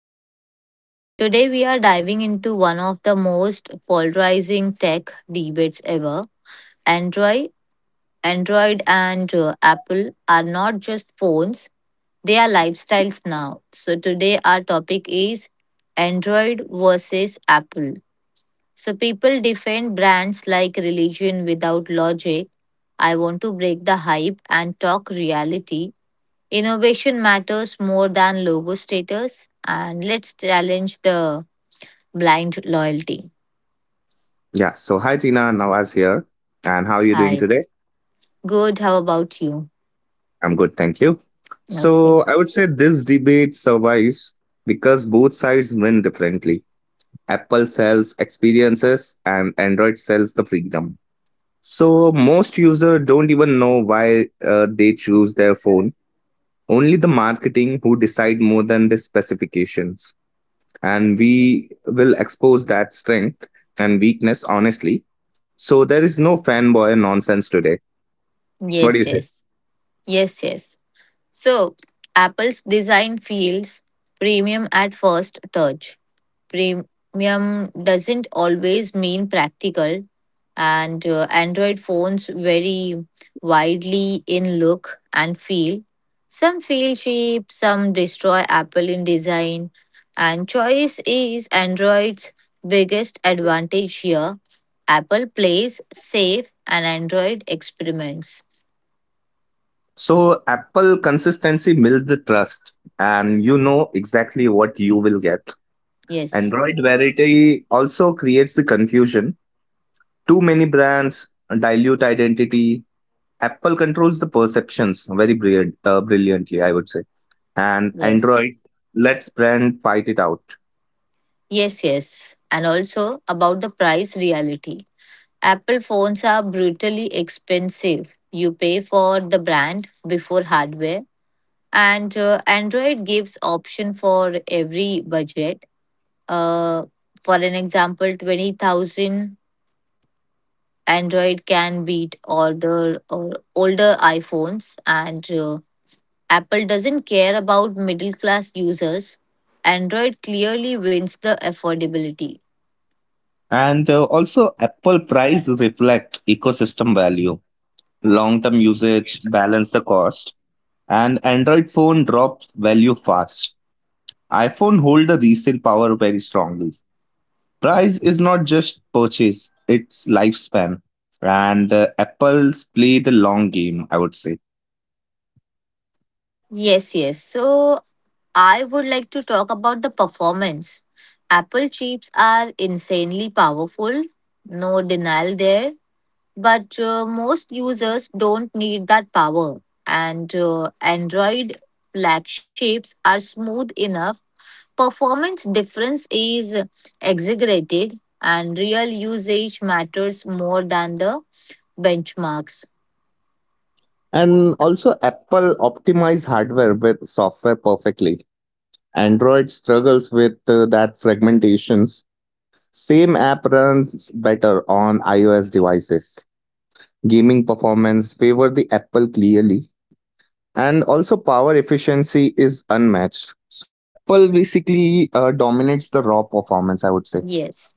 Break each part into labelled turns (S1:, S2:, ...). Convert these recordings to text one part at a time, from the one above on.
S1: podcast. Today, we are diving into one of the most polarizing tech debates ever. Android, Android and Apple are not just phones, they are lifestyles now. So, today, our topic is Android versus Apple. So, people defend brands like religion without logic. I want to break the hype and talk reality. Innovation matters more than logo status, and let's challenge the blind loyalty.
S2: Yeah. So hi Tina, Nawaz here. And how are you
S1: Hi,
S2: doing today?
S1: good. How about you?
S2: I'm good, thank you.
S1: Okay.
S2: So I would say this debate survives because both sides win differently. Apple sells experiences and Android sells the freedom. So most users don't even know why they choose their phone. Only the marketing who decide more than the specifications. And we will expose that strength and weakness honestly. So there is no fanboy nonsense today. What do
S1: Yes,
S2: you say?
S1: yes, yes, yes. So, Apple's design feels premium at first touch. Premium doesn't always mean practical, and Android phones vary widely in look and feel. Some feel cheap, some destroy Apple in design, and choice is Android's biggest advantage here. Apple plays safe and Android experiments.
S2: So Apple consistency builds the trust and you know exactly what you will get.
S1: Yes,
S2: Android variety also creates the confusion. Too many brands dilute identity. Apple controls the perceptions very brilliantly, I would say. And
S1: yes,
S2: Android lets brand fight it out.
S1: yes, yes. And also about the price reality. Apple phones are brutally expensive. You pay for the brand before hardware, and Android gives option for every budget. Uh, for an example, 20,000 Android can beat older iPhones, and Apple doesn't care about middle class users. Android clearly wins the affordability.
S2: And Also, Apple price reflect ecosystem value, long-term usage, balance the cost. And Android phone drops value fast. IPhone hold the resale power very strongly. Price is not just purchase, it's lifespan. And Apple's play the long game, I would say.
S1: Yes, yes. So I would like to talk about the performance. Apple chips are insanely powerful. No denial there. But most users don't need that power. And Android flag shapes are smooth enough. Performance difference is exaggerated, and real usage matters more than the benchmarks.
S2: And also, Apple optimize hardware with software perfectly. Android struggles with that fragmentations. Same app runs better on iOS devices. Gaming performance favor the Apple clearly. And also power efficiency is unmatched, so Apple basically dominates the raw performance, I would say.
S1: Yes.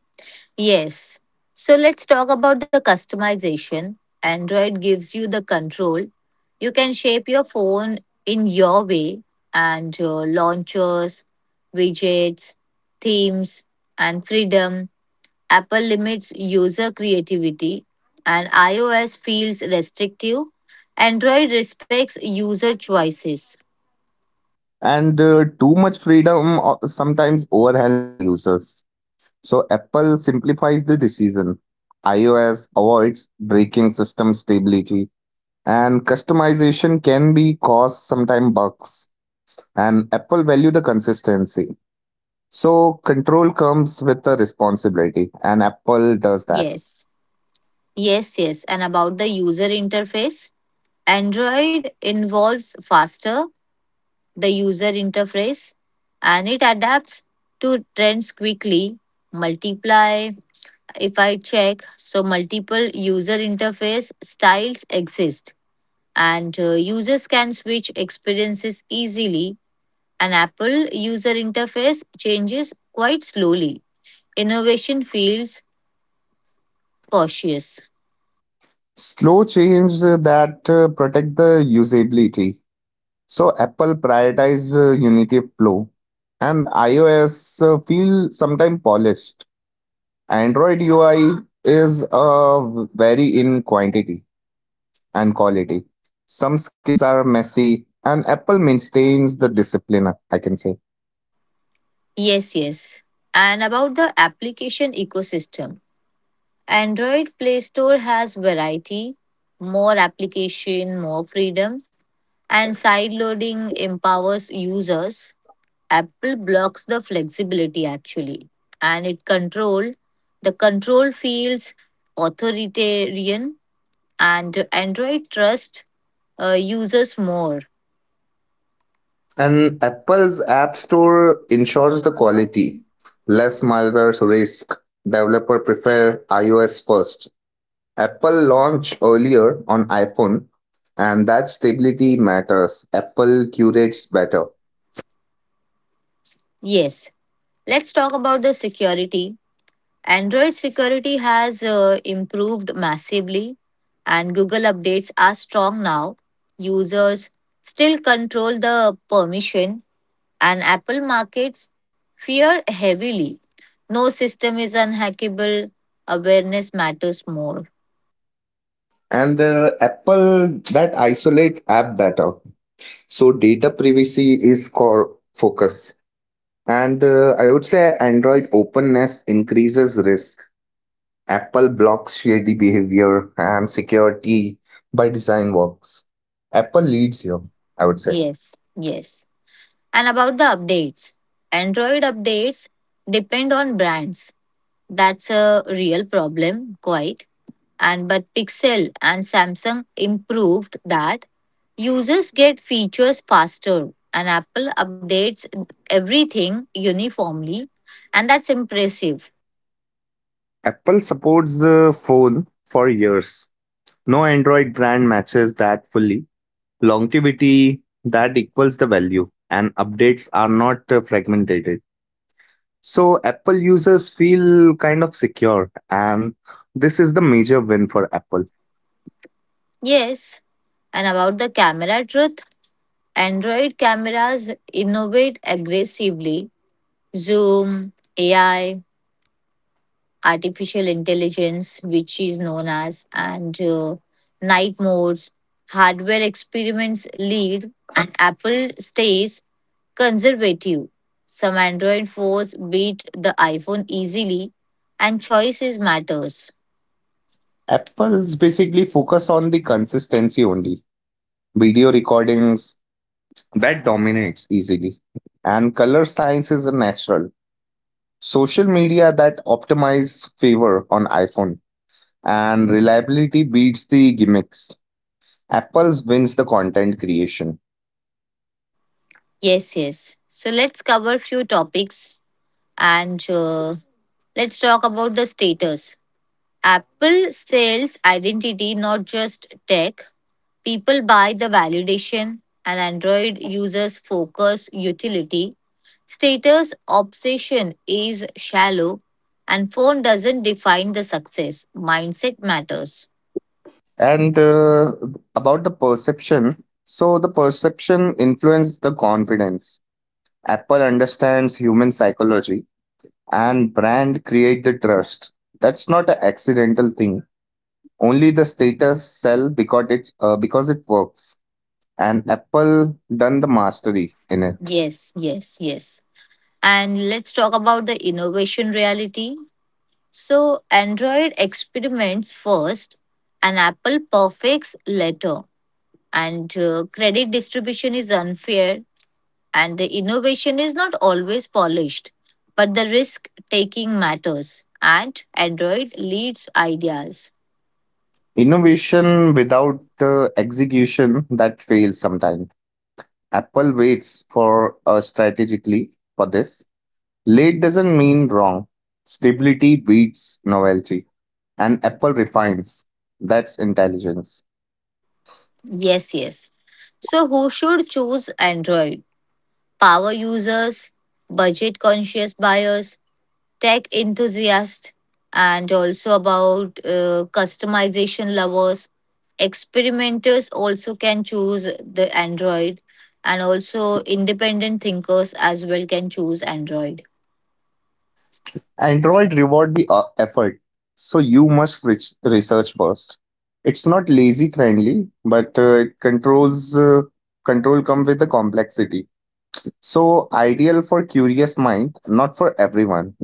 S1: Yes. So let's talk about the customization. Android gives you the control. You can shape your phone in your way, and launchers, widgets, themes, and freedom. Apple limits user creativity and iOS feels restrictive. Android respects user choices.
S2: And too much freedom sometimes overwhelms the users. So Apple simplifies the decision. IOS avoids breaking system stability, and customization can be cause sometime bugs, and Apple value the consistency. So control comes with the responsibility and Apple does that.
S1: Yes. Yes, yes. And about the user interface, Android involves faster the user interface, and it adapts to trends quickly. Multiply, if I check, so multiple user interface styles exist, and users can switch experiences easily. An Apple user interface changes quite slowly. Innovation feels cautious.
S2: Slow change that protect the usability. So Apple prioritize Unity of flow, and iOS feel sometime polished. Android UI is very in quantity and quality. Some skins are messy and Apple maintains the discipline, I can say.
S1: Yes, yes. And about the application ecosystem. Android Play Store has variety, more application, more freedom, and side loading empowers users. Apple blocks the flexibility actually, and it control the control feels authoritarian, and Android trust users more.
S2: And Apple's App Store ensures the quality, less malware risk. Developer prefer iOS first. Apple launched earlier on iPhone, and that stability matters. Apple curates better.
S1: Yes, let's talk about the security. Android security has improved massively, and Google updates are strong now. Users still control the permission, and Apple markets fear heavily. No system is unhackable. Awareness matters more.
S2: And Apple that isolates app better. So data privacy is core focus. And I would say Android openness increases risk. Apple blocks shady behavior and security by design works. Apple leads here, I would say.
S1: Yes, yes. And about the updates, Android updates depend on brands. That's a real problem, quite. And but Pixel and Samsung improved that. Users get features faster, and Apple updates everything uniformly, and that's impressive.
S2: Apple supports the phone for years. No Android brand matches that fully. Longevity that equals the value, and updates are not fragmented. So Apple users feel kind of secure, and this is the major win for Apple.
S1: Yes, and about the camera truth, Android cameras innovate aggressively. Zoom, AI, artificial intelligence, which is known as, and night modes, hardware experiments lead, and Apple stays conservative. Some Android phones beat the iPhone easily and choices matters.
S2: Apple's basically focus on the consistency only. Video recordings that dominates easily, and color science is a natural. Social media that optimize favor on iPhone and reliability beats the gimmicks. Apple's wins the content creation.
S1: Yes, yes. So let's cover few topics, and let's talk about the status. Apple sells identity not just tech. People buy the validation, and Android users focus utility. Status obsession is shallow, and phone doesn't define the success. Mindset matters.
S2: And About the perception, so the perception influences the confidence. Apple understands human psychology and brand create the trust. That's not an accidental thing. Only the status sell because it works. And Apple done the mastery in it.
S1: Yes, yes, yes. And let's talk about the innovation reality. So, Android experiments first, and Apple perfects later. And credit distribution is unfair, and the innovation is not always polished, but the risk taking matters. And Android leads ideas.
S2: Innovation without execution that fails sometimes. Apple waits for strategically for this. Late doesn't mean wrong. Stability beats novelty, and Apple refines. That's intelligence.
S1: Yes, yes. So, who should choose Android? Power users, budget conscious buyers, tech enthusiasts, and also about customization lovers. Experimenters also can choose the Android, and also independent thinkers as well can choose Android.
S2: Android reward the effort, so you must reach research first. It's not lazy friendly, but it control come with the complexity. So ideal for curious mind, not for everyone.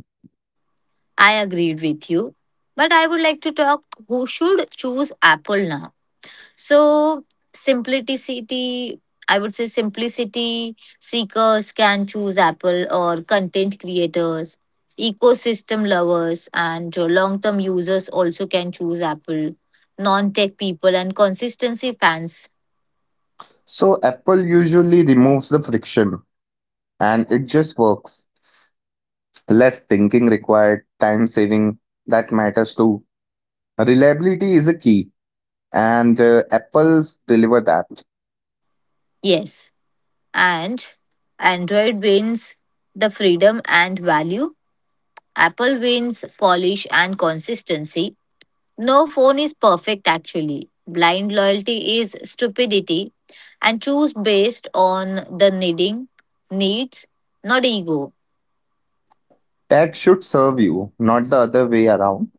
S1: I agreed with you, but I would like to talk who should choose Apple now. So simplicity, I would say simplicity seekers can choose Apple or content creators, ecosystem lovers and long-term users also can choose Apple, non-tech people and consistency fans.
S2: So Apple usually removes the friction, and it just works. Less thinking required, time saving that matters too. Reliability is a key, and Apple's deliver that.
S1: Yes. And Android wins the freedom and value. Apple wins polish and consistency. No phone is perfect, actually. Blind loyalty is stupidity, and choose based on the needs, not ego.
S2: That should serve you, not the other way around.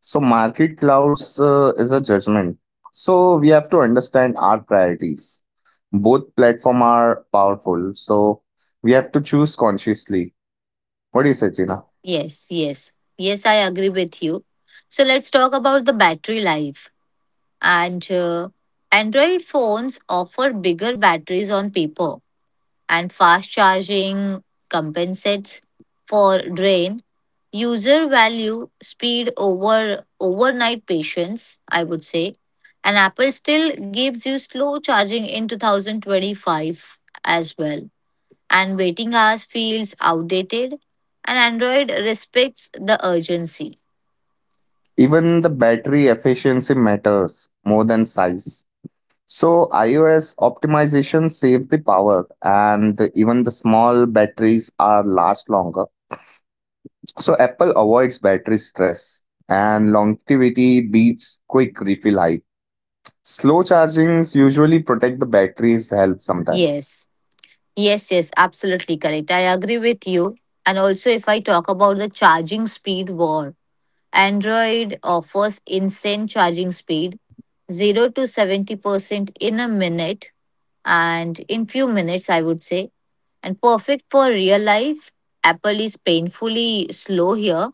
S2: So market clouds is a judgment. So we have to understand our priorities. Both platform are powerful, so we have to choose consciously. What do you say, Gina?
S1: Yes, yes, yes, I agree with you. So let's talk about the battery life. And Android phones offer bigger batteries on paper, and fast charging compensates for drain. User value speed over overnight patience, I would say. And Apple still gives you slow charging in 2025 as well. And waiting hours feels outdated. And Android respects the urgency.
S2: Even the battery efficiency matters more than size. So iOS optimization saves the power, and even the small batteries are last longer. So Apple avoids battery stress and longevity beats quick refill hype. Slow chargings usually protect the battery's health sometimes.
S1: Yes, yes, yes, absolutely correct. I agree with you. And also, if I talk about the charging speed war, Android offers instant charging speed, 0 to 70% in a minute and in few minutes, I would say. And perfect for real life, Apple is painfully slow here,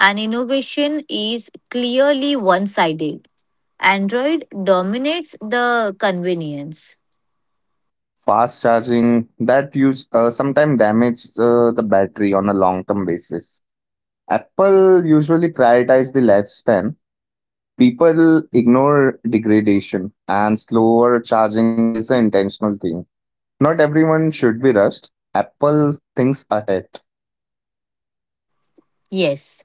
S1: and innovation is clearly one-sided. Android dominates the convenience.
S2: Fast charging that use sometimes damage the battery on a long term basis. Apple usually prioritize the lifespan. People ignore degradation and slower charging is an intentional thing. Not everyone should be rushed. Apple thinks ahead.
S1: Yes.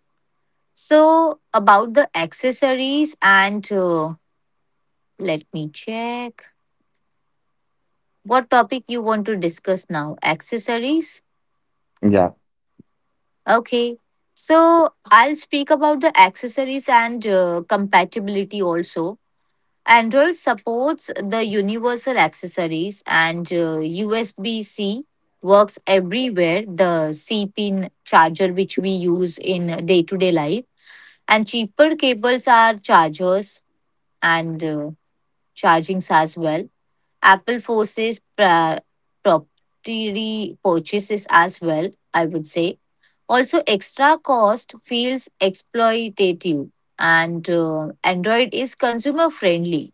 S1: So about the accessories, and let me check what topic you want to discuss now, accessories.
S2: Yeah.
S1: Okay, so I'll speak about the accessories and compatibility also. Android supports the universal accessories, and USB C works everywhere, the C pin charger which we use in day to day life, and cheaper cables are chargers and chargings as well. Apple forces proprietary purchases as well, I would say. Also, extra cost feels exploitative, and Android is consumer friendly.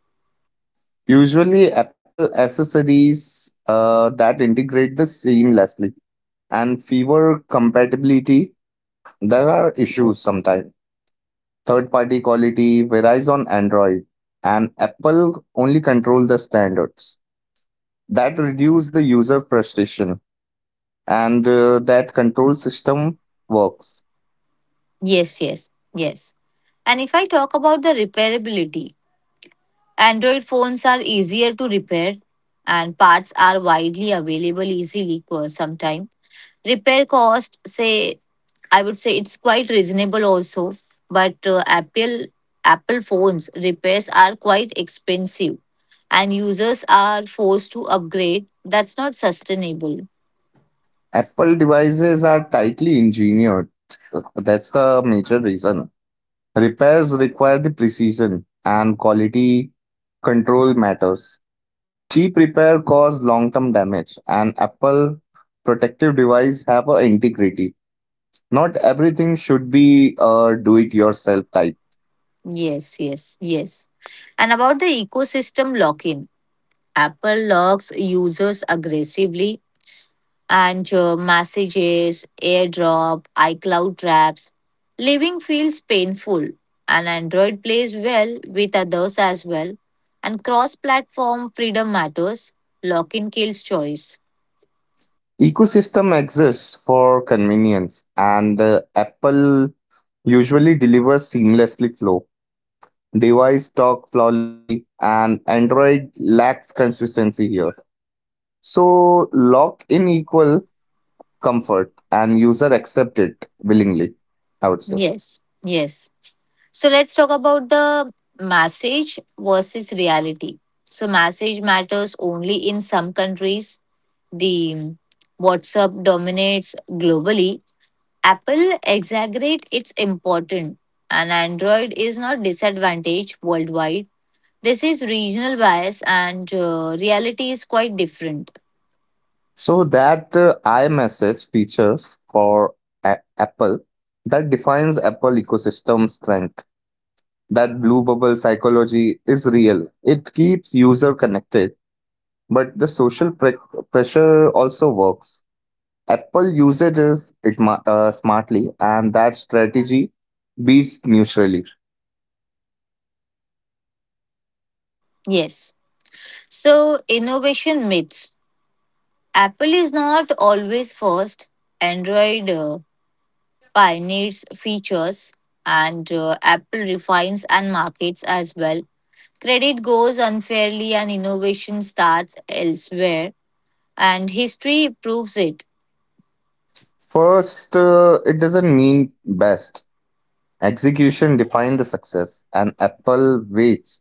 S2: Usually, Apple accessories that integrate this seamlessly and fewer compatibility. There are issues sometimes. Third party quality varies on Android, and Apple only control the standards. That reduce the user frustration, and that control system works.
S1: Yes, yes, yes. And if I talk about the repairability, Android phones are easier to repair, and parts are widely available easily for some time. Repair cost, say, I would say it's quite reasonable also, but Apple phones repairs are quite expensive, and users are forced to upgrade. That's not sustainable.
S2: Apple devices are tightly engineered. That's the major reason. Repairs require the precision and quality control matters. Cheap repair cause long-term damage and Apple protective device have a integrity. Not everything should be a do-it-yourself type.
S1: Yes, yes, yes. And about the ecosystem lock in, Apple locks users aggressively, and messages, airdrop, iCloud traps. Living feels painful, and Android plays well with others as well. And cross platform freedom matters. Lock in kills choice.
S2: Ecosystem exists for convenience and Apple usually delivers seamlessly flow. Device talk flawlessly and Android lacks consistency here. So lock in equal comfort and user accept it willingly, I would say.
S1: Yes, yes. So let's talk about the message versus reality. So, message matters only in some countries. The WhatsApp dominates globally, Apple exaggerate its importance, and Android is not disadvantaged worldwide. This is regional bias, and reality is quite different.
S2: So that imessage feature for apple that defines apple ecosystem strength. That blue bubble psychology is real, it keeps user connected, but the pressure also works. Apple usage is smartly and that strategy beats neutrally.
S1: Yes. So, innovation myths. Apple is not always first. Android pioneers features, and Apple refines and markets as well. Credit goes unfairly, and innovation starts elsewhere, and history proves it.
S2: First it doesn't mean best. Execution defined the success, and Apple waits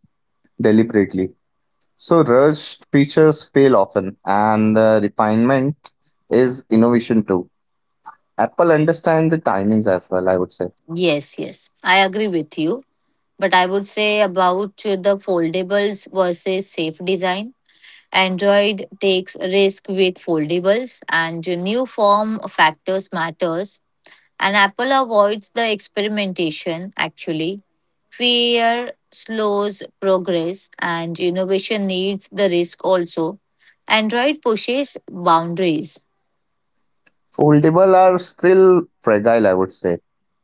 S2: deliberately. So, rushed features fail often, and refinement is innovation too. Apple understand the timings as well, I would say.
S1: Yes, yes, I agree with you. But I would say about the foldables versus safe design. Android takes risk with foldables, and new form factors matters. And Apple avoids the experimentation. Actually, fear slows progress, and innovation needs the risk also. Android pushes boundaries.
S2: Foldable are still fragile, I would say.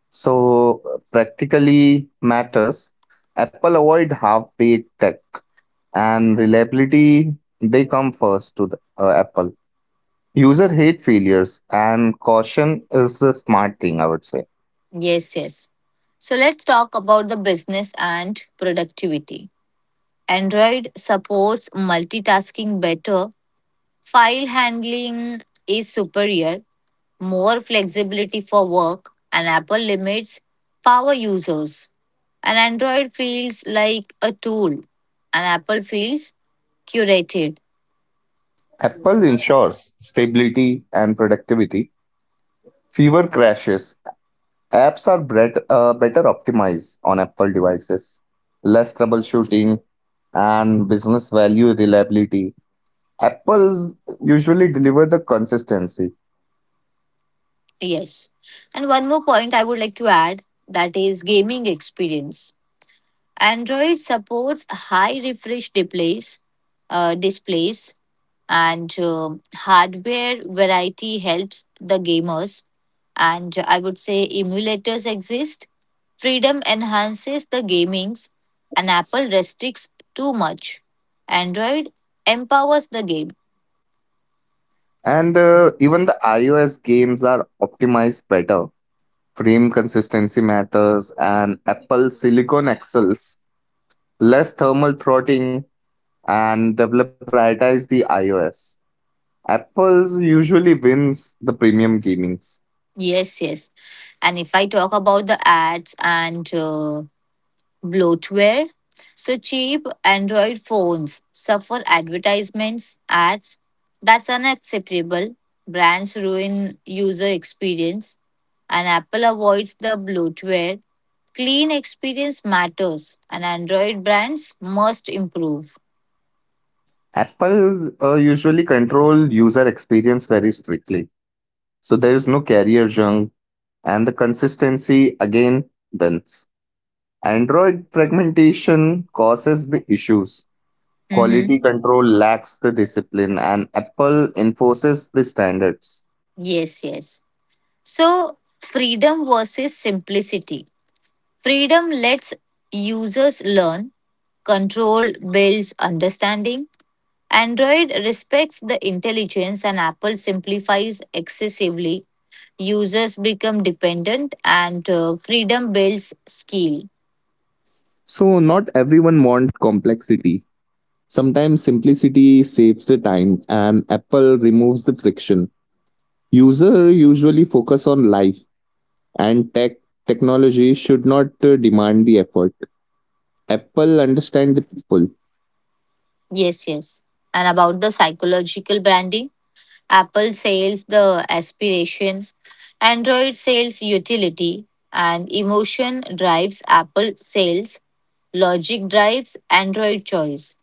S2: So, practically matters. Apple avoid half-baked tech and reliability, they come first to the Apple. User hate failures and caution is a smart thing, I would say.
S1: Yes, yes. So let's talk about the business and productivity. Android supports multitasking better, file handling is superior, more flexibility for work, and Apple limits power users. And Android feels like a tool, and Apple feels curated.
S2: Apple ensures stability and productivity, fewer crashes. Apps are better optimized on Apple devices, less troubleshooting, and business value reliability. Apple's usually deliver the consistency,
S1: Yes. And one more point I would like to add, that is gaming experience. Android supports high refresh displays and hardware variety helps the gamers, and I would say emulators exist. Freedom enhances the gamings, and Apple restricts too much. Android empowers the game.
S2: and even the iOS games are optimized better. Frame consistency matters, and Apple Silicon excels, less thermal throttling, and developer prioritize the iOS. Apple's usually wins the premium gamings.
S1: Yes, yes. And if I talk about the ads and bloatware. So cheap Android phones suffer advertisements, ads. That's unacceptable. Brands ruin user experience, and Apple avoids the bloatware. Clean experience matters, and Android brands must improve.
S2: Apple usually control user experience very strictly. So there is no carrier junk and the consistency again wins. Android fragmentation causes the issues.
S1: Mm-hmm.
S2: Quality control lacks the discipline and Apple enforces the standards.
S1: Yes, yes. So, freedom versus simplicity. Freedom lets users learn, control builds understanding, Android respects the intelligence, and Apple simplifies excessively. Users become dependent, and freedom builds skill.
S2: So, not everyone wants complexity. Sometimes simplicity saves the time and Apple removes the friction. User usually focus on life and technology should not demand the effort. Apple understand the people.
S1: Yes, yes. And about the psychological branding, Apple sells the aspiration, Android sells utility, and emotion drives Apple sales, logic drives Android choice.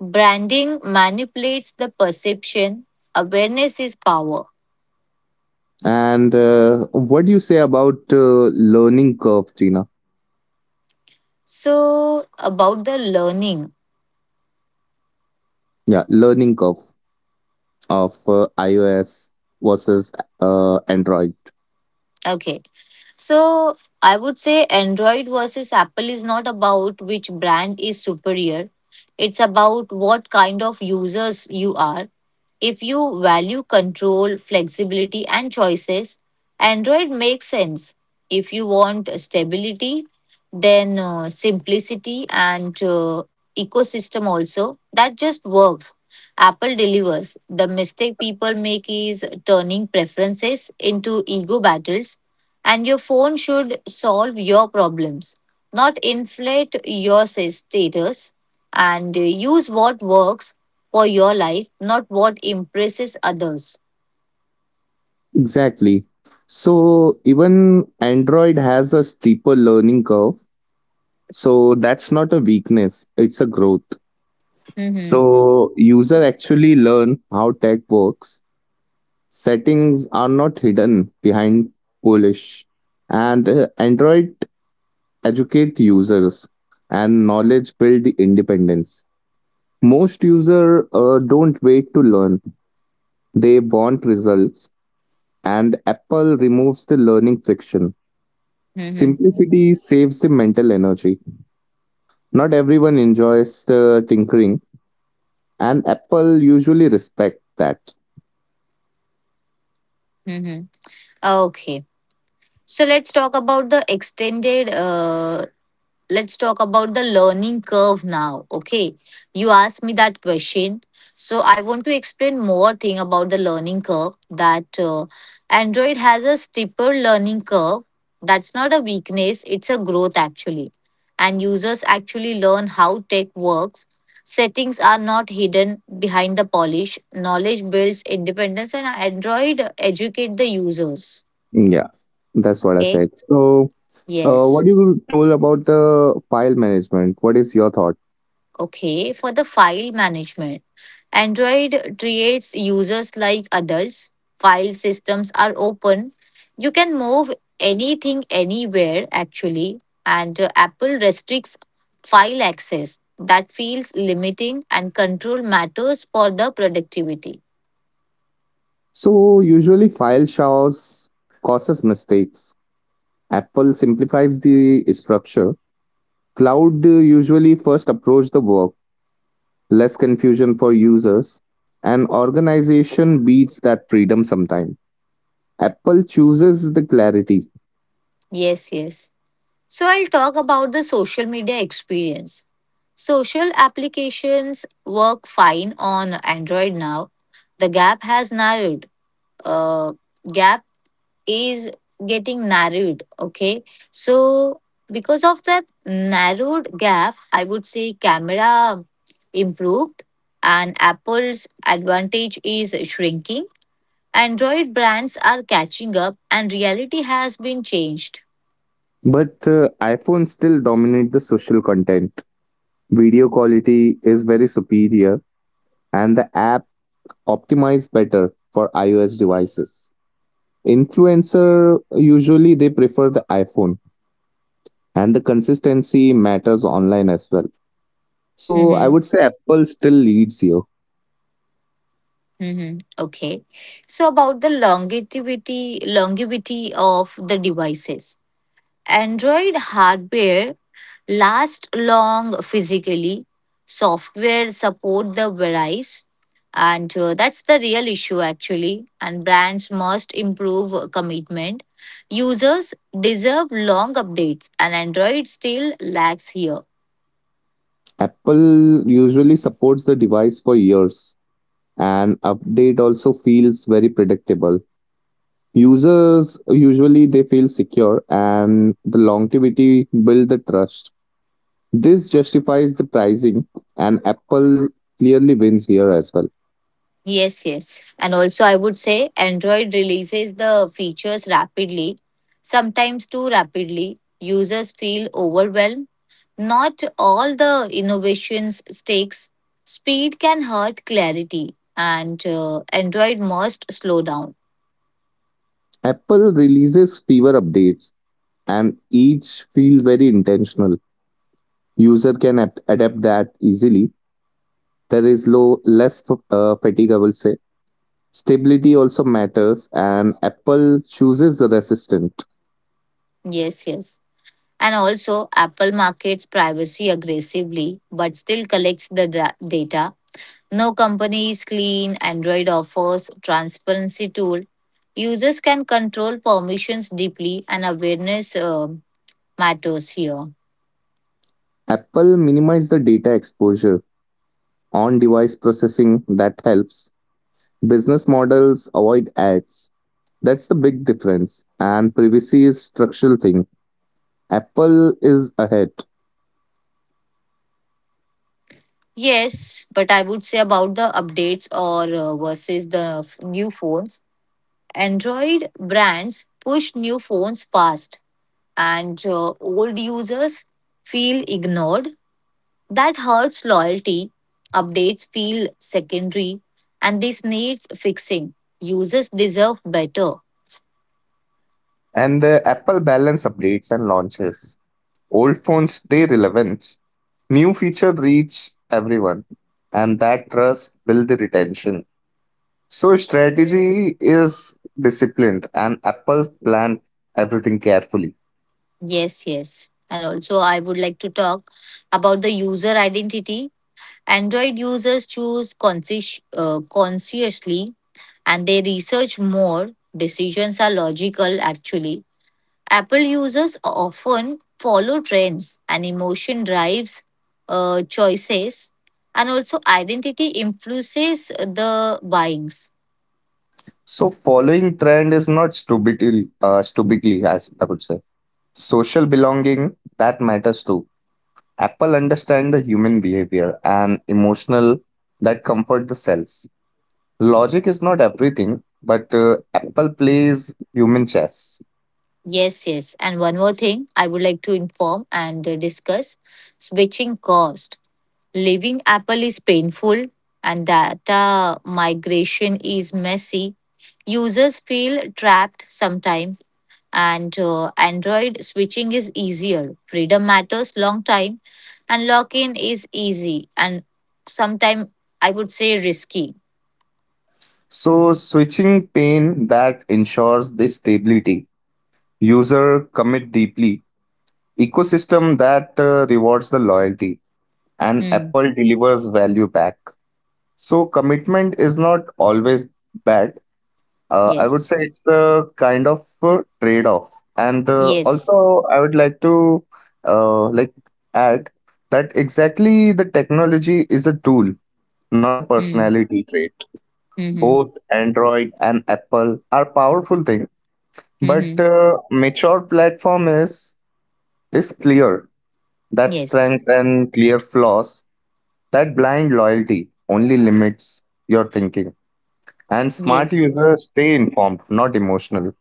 S1: Branding manipulates the perception, awareness is power.
S2: And What do you say about learning curve, Gina?
S1: So, about the learning.
S2: Yeah, learning curve of iOS versus Android.
S1: Okay. So, I would say Android versus Apple is not about which brand is superior. It's about what kind of users you are. If you value control, flexibility, and choices, Android makes sense. If you want stability, then simplicity and ecosystem also, that just works. Apple delivers. The mistake people make is turning preferences into ego battles, and your phone should solve your problems, not inflate your status, and use what works for your life, not what impresses others.
S2: Exactly. So even Android has a steeper learning curve. So that's not a weakness; it's a growth.
S1: Mm-hmm.
S2: So user actually learn how tech works. Settings are not hidden behind polish, and Android educate users and knowledge build independence. Most users don't wait to learn; they want results, and Apple removes the learning friction.
S1: Mm-hmm.
S2: Simplicity saves the mental energy. Not everyone enjoys the tinkering, and Apple usually respect that.
S1: Mm-hmm. Okay. So let's talk about the learning curve now, okay. You asked me that question, so I want to explain more thing about the learning curve. That Android has a steeper learning curve. That's not a weakness, it's a growth actually. And users actually learn how tech works. Settings are not hidden behind the polish. Knowledge builds independence, and Android educate the users.
S2: Yeah, that's what I
S1: Okay.
S2: said. So,
S1: Yes.
S2: what you told about the file management, what is your thought?
S1: Okay, for the file management, Android treats users like adults. File systems are open. You can move anything anywhere, actually. And Apple restricts file access. That feels limiting, and control matters for the productivity.
S2: So, usually file showers causes mistakes. Apple simplifies the structure. Cloud usually first approach the work, less confusion for users, and organization beats that freedom sometime. Apple chooses the clarity,
S1: Yes, yes. So, I'll talk about the social media experience. Social applications work fine on Android now. The gap has narrowed. Uh, gap is getting narrowed, okay. So because of that narrowed gap, I would say camera improved, and Apple's advantage is shrinking. Android brands are catching up, and reality has been changed.
S2: but iPhone still dominate the social content. Video quality is very superior and the app optimized better for iOS devices. Influencer usually they prefer the iPhone and the consistency matters online as well. So I
S1: Hmm.
S2: would say Apple still leads here.
S1: Hmm. Okay. So about the longevity of the devices. Android hardware last long physically. Software support the price, and that's the real issue actually. And brands must improve commitment. Users deserve long updates, and Android still lacks here.
S2: Apple usually supports the device for years and update also feels very predictable. Users usually they feel secure and the longevity build the trust. This justifies the pricing and Apple clearly wins here as well.
S1: Yes, yes. And also, I would say Android releases the features rapidly, sometimes too rapidly. Users feel overwhelmed. Not all the innovations stakes. Speed can hurt clarity, and Android must slow down.
S2: Apple releases fewer updates and each feels very intentional. User can adapt that easily. There is less fatigue, I will say. Stability also matters and Apple chooses the resistant.
S1: Yes, yes. And also, Apple markets privacy aggressively, but still collects the data. No company is clean. Android offers transparency tool. Users can control permissions deeply, and awareness matters here.
S2: Apple minimize the data exposure on device processing that helps. Business models avoid ads. That's the big difference. And privacy is structural thing. Apple is ahead.
S1: Yes, but I would say about the updates or versus the new phones. Android brands push new phones fast, and old users feel ignored. That hurts loyalty. Updates feel secondary, and this needs fixing. Users deserve better.
S2: And Apple balance updates and launches. Old phones stay relevant. New feature reach everyone. And that trust build the retention. So strategy is disciplined and Apple plan everything carefully.
S1: Yes, yes. And also, I would like to talk about the user identity. Android users choose consciously, and they research more. Decisions are logical actually. Apple users often follow trends, and emotion drives choices, and also identity influences the buyings.
S2: So following trend is not stupidly, as I would say. Social belonging that matters too. Apple understand the human behavior and emotional that comfort the cells. Logic is not everything, but Apple plays human chess.
S1: Yes, yes. And one more thing I would like to inform and discuss switching cost. Leaving Apple is painful, and data migration is messy. Users feel trapped sometimes, and Android switching is easier. Freedom matters long time, and lock in is easy and sometimes, I would say, risky.
S2: So switching pane that ensures the stability, user commit deeply, ecosystem that rewards the loyalty, and
S1: Hmm.
S2: Apple delivers value back. So commitment is not always bad. I would
S1: Yes.
S2: say it's a kind of trade-off. And
S1: Yes.
S2: Also, I would like to uh, like add that exactly the technology is a tool, not a
S1: Hmm.
S2: personality trait.
S1: Hmm.
S2: Both Android and Apple are powerful things, but
S1: Hmm.
S2: mature platform is clear that
S1: Yes.
S2: strength and clear flaws. That blind loyalty only limits your thinking, and smart
S1: Yes. Yes.
S2: users stay informed, not emotional.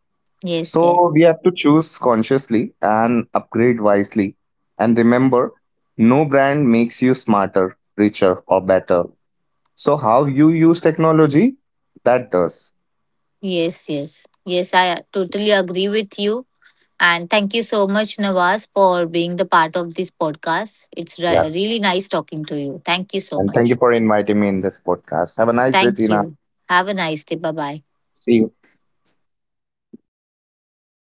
S1: Yes. Yes.
S2: So we have to choose consciously and upgrade wisely. And remember, no brand makes you smarter, richer, or better. So how you use technology, that does.
S1: Yes. Yes. Yes. I totally agree with you. And thank you so much, Nawaz, for being the part of this podcast. It's
S2: Yeah.
S1: really nice talking to you. Thank you so
S2: And thank you
S1: much.
S2: for inviting me in this podcast. Have a nice day,
S1: Thank
S2: Tina.
S1: you. Have a nice day. Bye bye.
S2: See you.